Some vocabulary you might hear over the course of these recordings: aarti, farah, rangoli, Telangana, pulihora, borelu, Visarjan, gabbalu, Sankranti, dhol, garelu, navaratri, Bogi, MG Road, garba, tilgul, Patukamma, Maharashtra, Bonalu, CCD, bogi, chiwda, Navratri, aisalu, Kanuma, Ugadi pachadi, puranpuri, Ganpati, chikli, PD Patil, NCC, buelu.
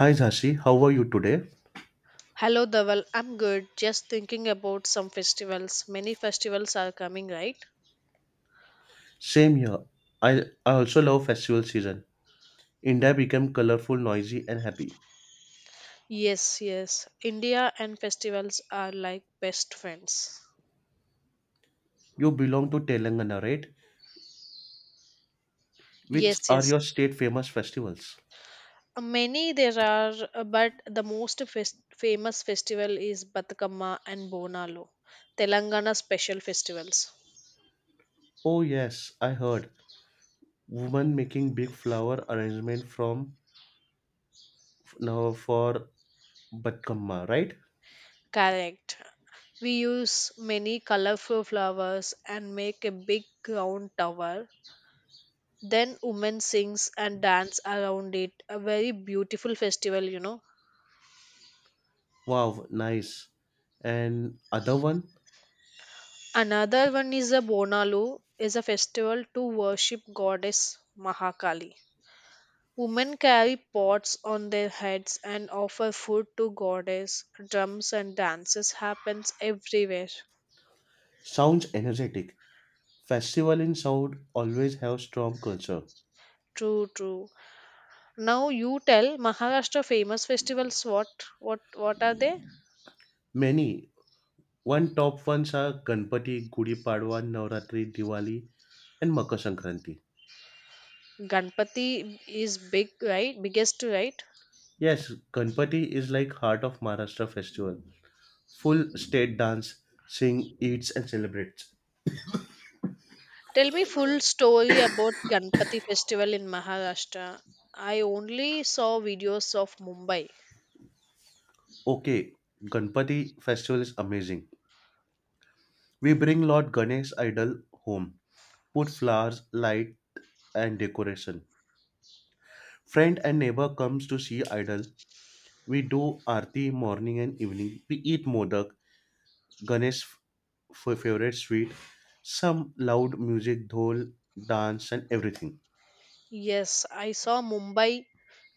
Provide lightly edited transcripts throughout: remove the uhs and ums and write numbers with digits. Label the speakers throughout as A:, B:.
A: Hi Jhansi, how are you today?
B: Hello, Dhaval. I'm good. Just thinking about some festivals. Many festivals are coming, right?
A: Same here. I also love festival season. India became colorful, noisy, and happy.
B: Yes, yes. India and festivals are like best friends.
A: You belong to Telangana, right?
B: Yes,
A: Which are
B: yes.
A: your state famous festivals?
B: Many there are, but the most famous festival is Batukamma and Bonalu, Telangana special festivals.
A: Oh yes, I heard. Women making big flower arrangement from now for Batkamma, right?
B: Correct. We use many colorful flowers and make a big round tower. Then women sings and dance around it. A very beautiful festival,
A: Wow, nice. And other one
B: Another one is a Bonalu, is a festival to worship goddess Mahakali. Women carry pots on their heads and offer food to goddess. Drums and dances happens everywhere.
A: sounds energetic. Festival in South always have strong culture.
B: True, true. Now you tell Maharashtra famous festivals what are they?
A: Many one top ones are Ganpati, Gudi Padwa, Navratri, Diwali, and Makar Sankranti.
B: Ganpati is big, right? Biggest, right?
A: Yes, Ganpati is like heart of Maharashtra festival. Full state dance, sing, eats, and celebrates.
B: Tell me full story about Ganpati festival in Maharashtra. I only saw videos of Mumbai.
A: Okay, Ganpati festival is amazing. We bring Lord Ganesh idol home, put flowers, light, and decoration. Friend and neighbor comes to see idol. We do aarti morning and evening. We eat modak, Ganesh's favorite sweet, some loud music, dhol, dance, and everything.
B: Yes, I saw Mumbai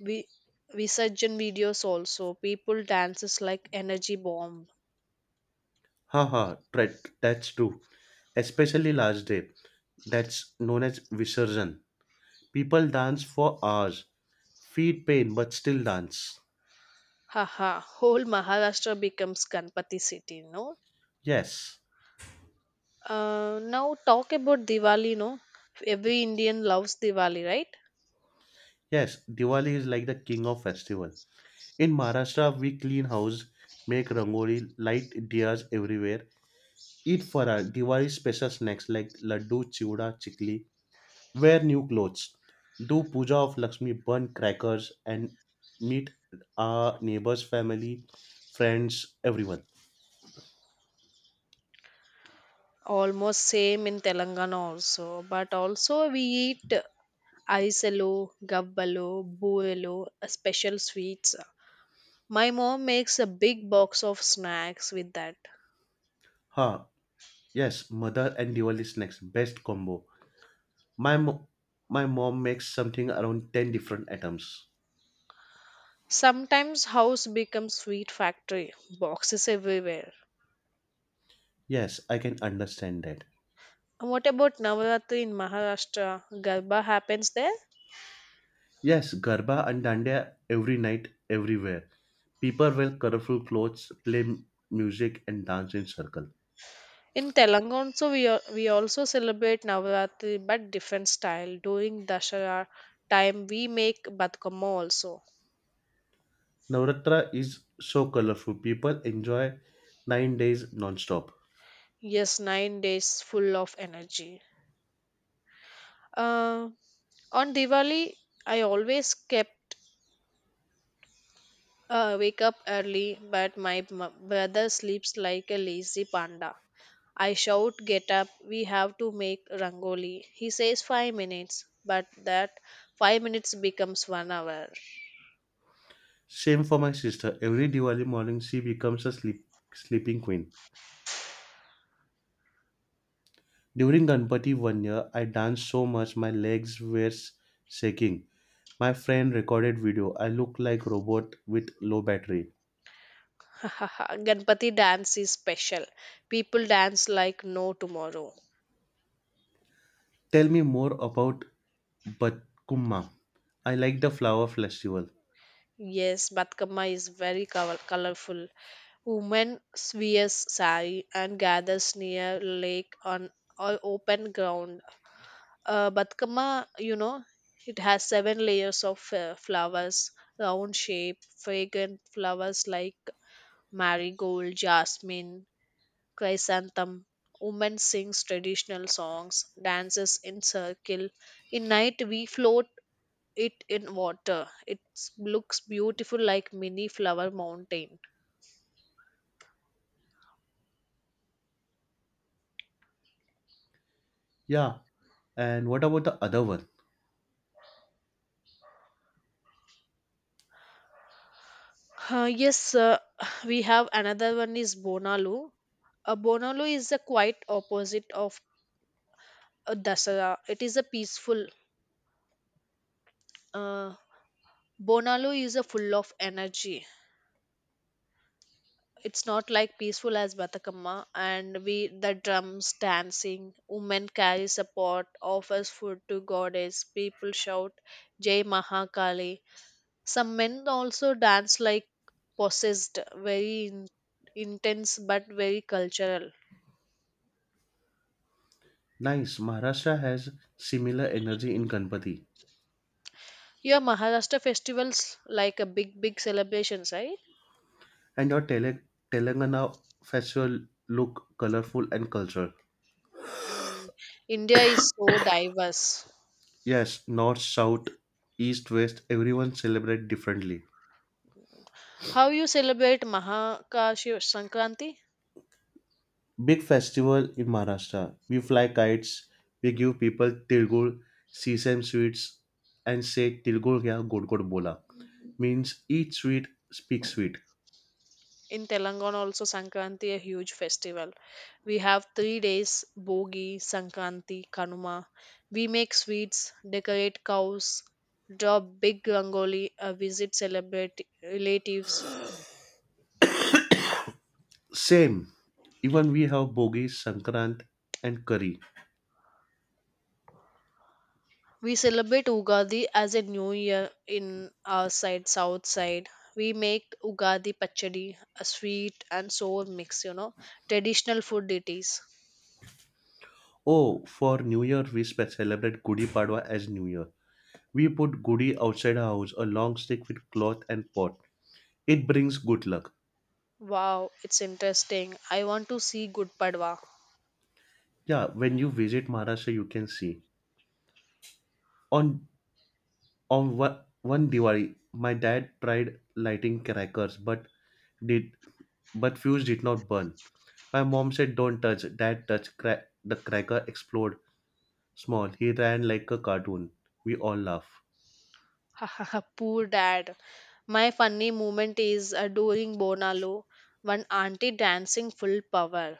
B: vi- Visarjan videos also. People dances like energy bomb.
A: Haha, right, that's true. Especially last day, that's known as Visarjan. People dance for hours, feet pain, but still dance.
B: Haha, whole Maharashtra becomes Ganpati city, no?
A: Yes,
B: Now talk about Diwali, no? Every Indian loves Diwali, right?
A: yes, Diwali is like the king of festival. In Maharashtra, we clean house, make rangoli, light diyas everywhere, eat farah, Diwali special snacks like laddu, chiwda, chikli, wear new clothes. Do puja of Lakshmi, burn crackers, and meet our neighbors, family, friends, everyone.
B: Almost same in telangana also, but also we eat aisalu, gabbalu, buelu, special sweets. My mom makes a big box of snacks with that.
A: Huh. Yes, mother and Diwali snacks, best combo. My mo- my mom makes something around ten different items.
B: Sometimes house becomes sweet factory, boxes everywhere.
A: Yes, I can understand that.
B: And what about navaratri in maharashtra? Garba happens there?
A: Yes, Garba and Dandiya every night, everywhere. People wear colorful clothes, play music, and dance in circle.
B: In telangana also we also celebrate navaratri but different style. During dashara time we make batkama also.
A: Navratri is so colorful. People enjoy 9 days non-stop.
B: Yes, 9 days full of energy. Uh, on Diwali, I always kept, wake up early, but my brother sleeps like a lazy panda. I shout, "Get up, we have to make rangoli." He says 5 minutes, but that 5 minutes becomes one hour.
A: Same for my sister. Every Diwali morning, she becomes a sleeping queen. During Ganpati one year, I danced so much my legs were shaking. My friend recorded video. I look like robot with low battery.
B: Ganpati dance is special. People dance like no tomorrow.
A: Tell me more about Batkumma. I like the flower festival.
B: Yes, Batkama is very colorful. Women wears sari and gathers near lake on open ground. Batkama, it has 7 layers of flowers, round shape, fragrant flowers like marigold, jasmine, chrysanthemum. Women sings traditional songs, dances in circle. In night we float it in water. It looks beautiful like mini flower mountain.
A: Yeah. And what about the other one?
B: Yes, we have another one is Bonalu. Bonalu is the quite opposite of Dasara. It is a peaceful. Uh, Bonalu is a full of energy. It's not like peaceful as Batakamma. And we the drums dancing. Women carries a pot, offers food to goddess. People shout, "Jai Mahakali." Some men also dance like possessed, very intense but very cultural.
A: Nice. Maharashtra has similar energy in Ganpati.
B: Your Maharashtra festivals like a big celebrations, right?
A: And your Telangana festival look colorful and cultural.
B: Mm. India is so diverse.
A: Yes, north, south, east, west, everyone celebrate differently.
B: How you celebrate Mahakashiv Sankranti?
A: Big festival in Maharashtra. We fly kites, we give people tilgul, sesame sweets, and say tilgul gya god god bola means eat sweet, speak sweet.
B: In Telangana also Sankranti a huge festival. We have 3 days: Bogi, Sankranti, Kanuma. We make sweets, decorate cows, draw big rangoli, visit celebrate relatives.
A: Same. Even we have bogi, sankrant, and curry.
B: We celebrate Ugadi as a new year in our side, south side. We make Ugadi pachadi, a sweet and sour mix, traditional food it is.
A: Oh, for New Year we celebrate Gudi Padwa as New Year. We put goody outside our house, a long stick with cloth and pot. It brings good luck.
B: Wow, it's interesting. I want to see Good Padwa.
A: Yeah, when you visit Maharashtra, you can see. On on one Diwali, my dad tried lighting crackers, did but fuse did not burn. My mom said, "Don't touch." Dad touched crack. The cracker exploded. Small. He ran like a cartoon. We all laugh.
B: Poor dad. My funny moment is during Bonalo, one auntie dancing full power.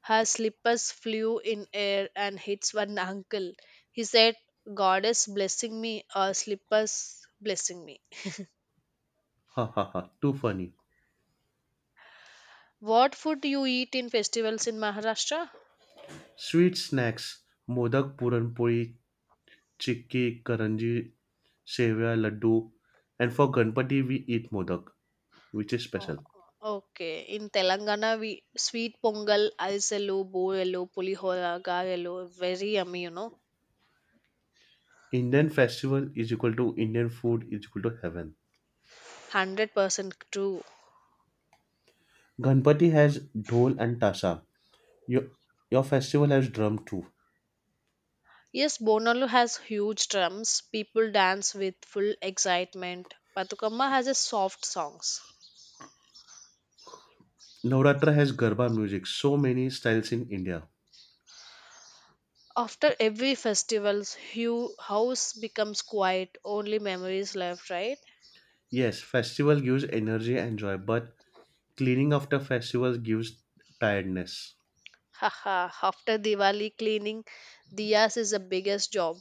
B: Her slippers flew in air and hits one uncle. He said, "Goddess blessing me, or slippers blessing me."
A: Ha ha ha. Too funny.
B: What food you eat in festivals in Maharashtra?
A: Sweet snacks. Modak, puranpuri, chikki, karanji, sevia, laddu, and for Ganpati we eat modak, which is
B: O-
A: special.
B: Okay, in Telangana we sweet pongal, alisalu, borelu, pulihora, garelu, very yummy,
A: Indian festival is equal to Indian food is equal to heaven.
B: 100% true.
A: Ganpati has dhol and tasa. Your, your festival has drum too.
B: Yes, Bonalu has huge drums. People dance with full excitement. Patukamma has a soft songs.
A: Navratra has garba music. So many styles in India.
B: After every festival, hu house becomes quiet. Only memories left, right?
A: Yes, festival gives energy and joy, but cleaning after festival gives tiredness.
B: Haha. After Diwali, cleaning diyas is the biggest job.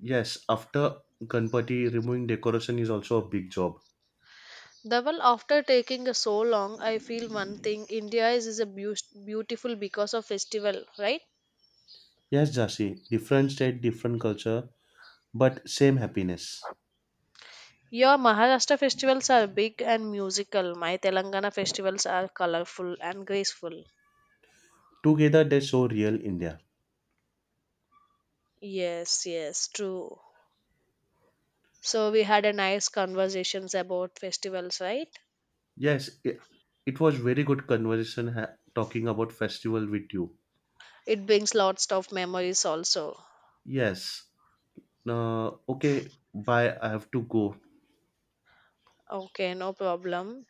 A: Yes, after Ganpati, removing decoration is also a big job.
B: Dhaval, after taking so long, I feel one thing. India is a beautiful because of festival, right?
A: Yes, Jasi, different state, different culture, but same happiness.
B: Your Maharashtra festivals are big and musical. My Telangana festivals are colorful and graceful.
A: Together they show real India.
B: Yes, yes, true. So we had a nice conversations about festivals, right?
A: Yes, it was very good conversation talking about festival with you.
B: It brings lots of memories also.
A: Yes. Okay, bye. I have to go.
B: Okay, no problem.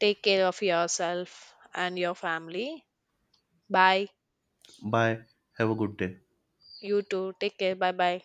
B: Take care of yourself and your family. Bye.
A: Bye. Have a good day.
B: You too. Take care. Bye bye.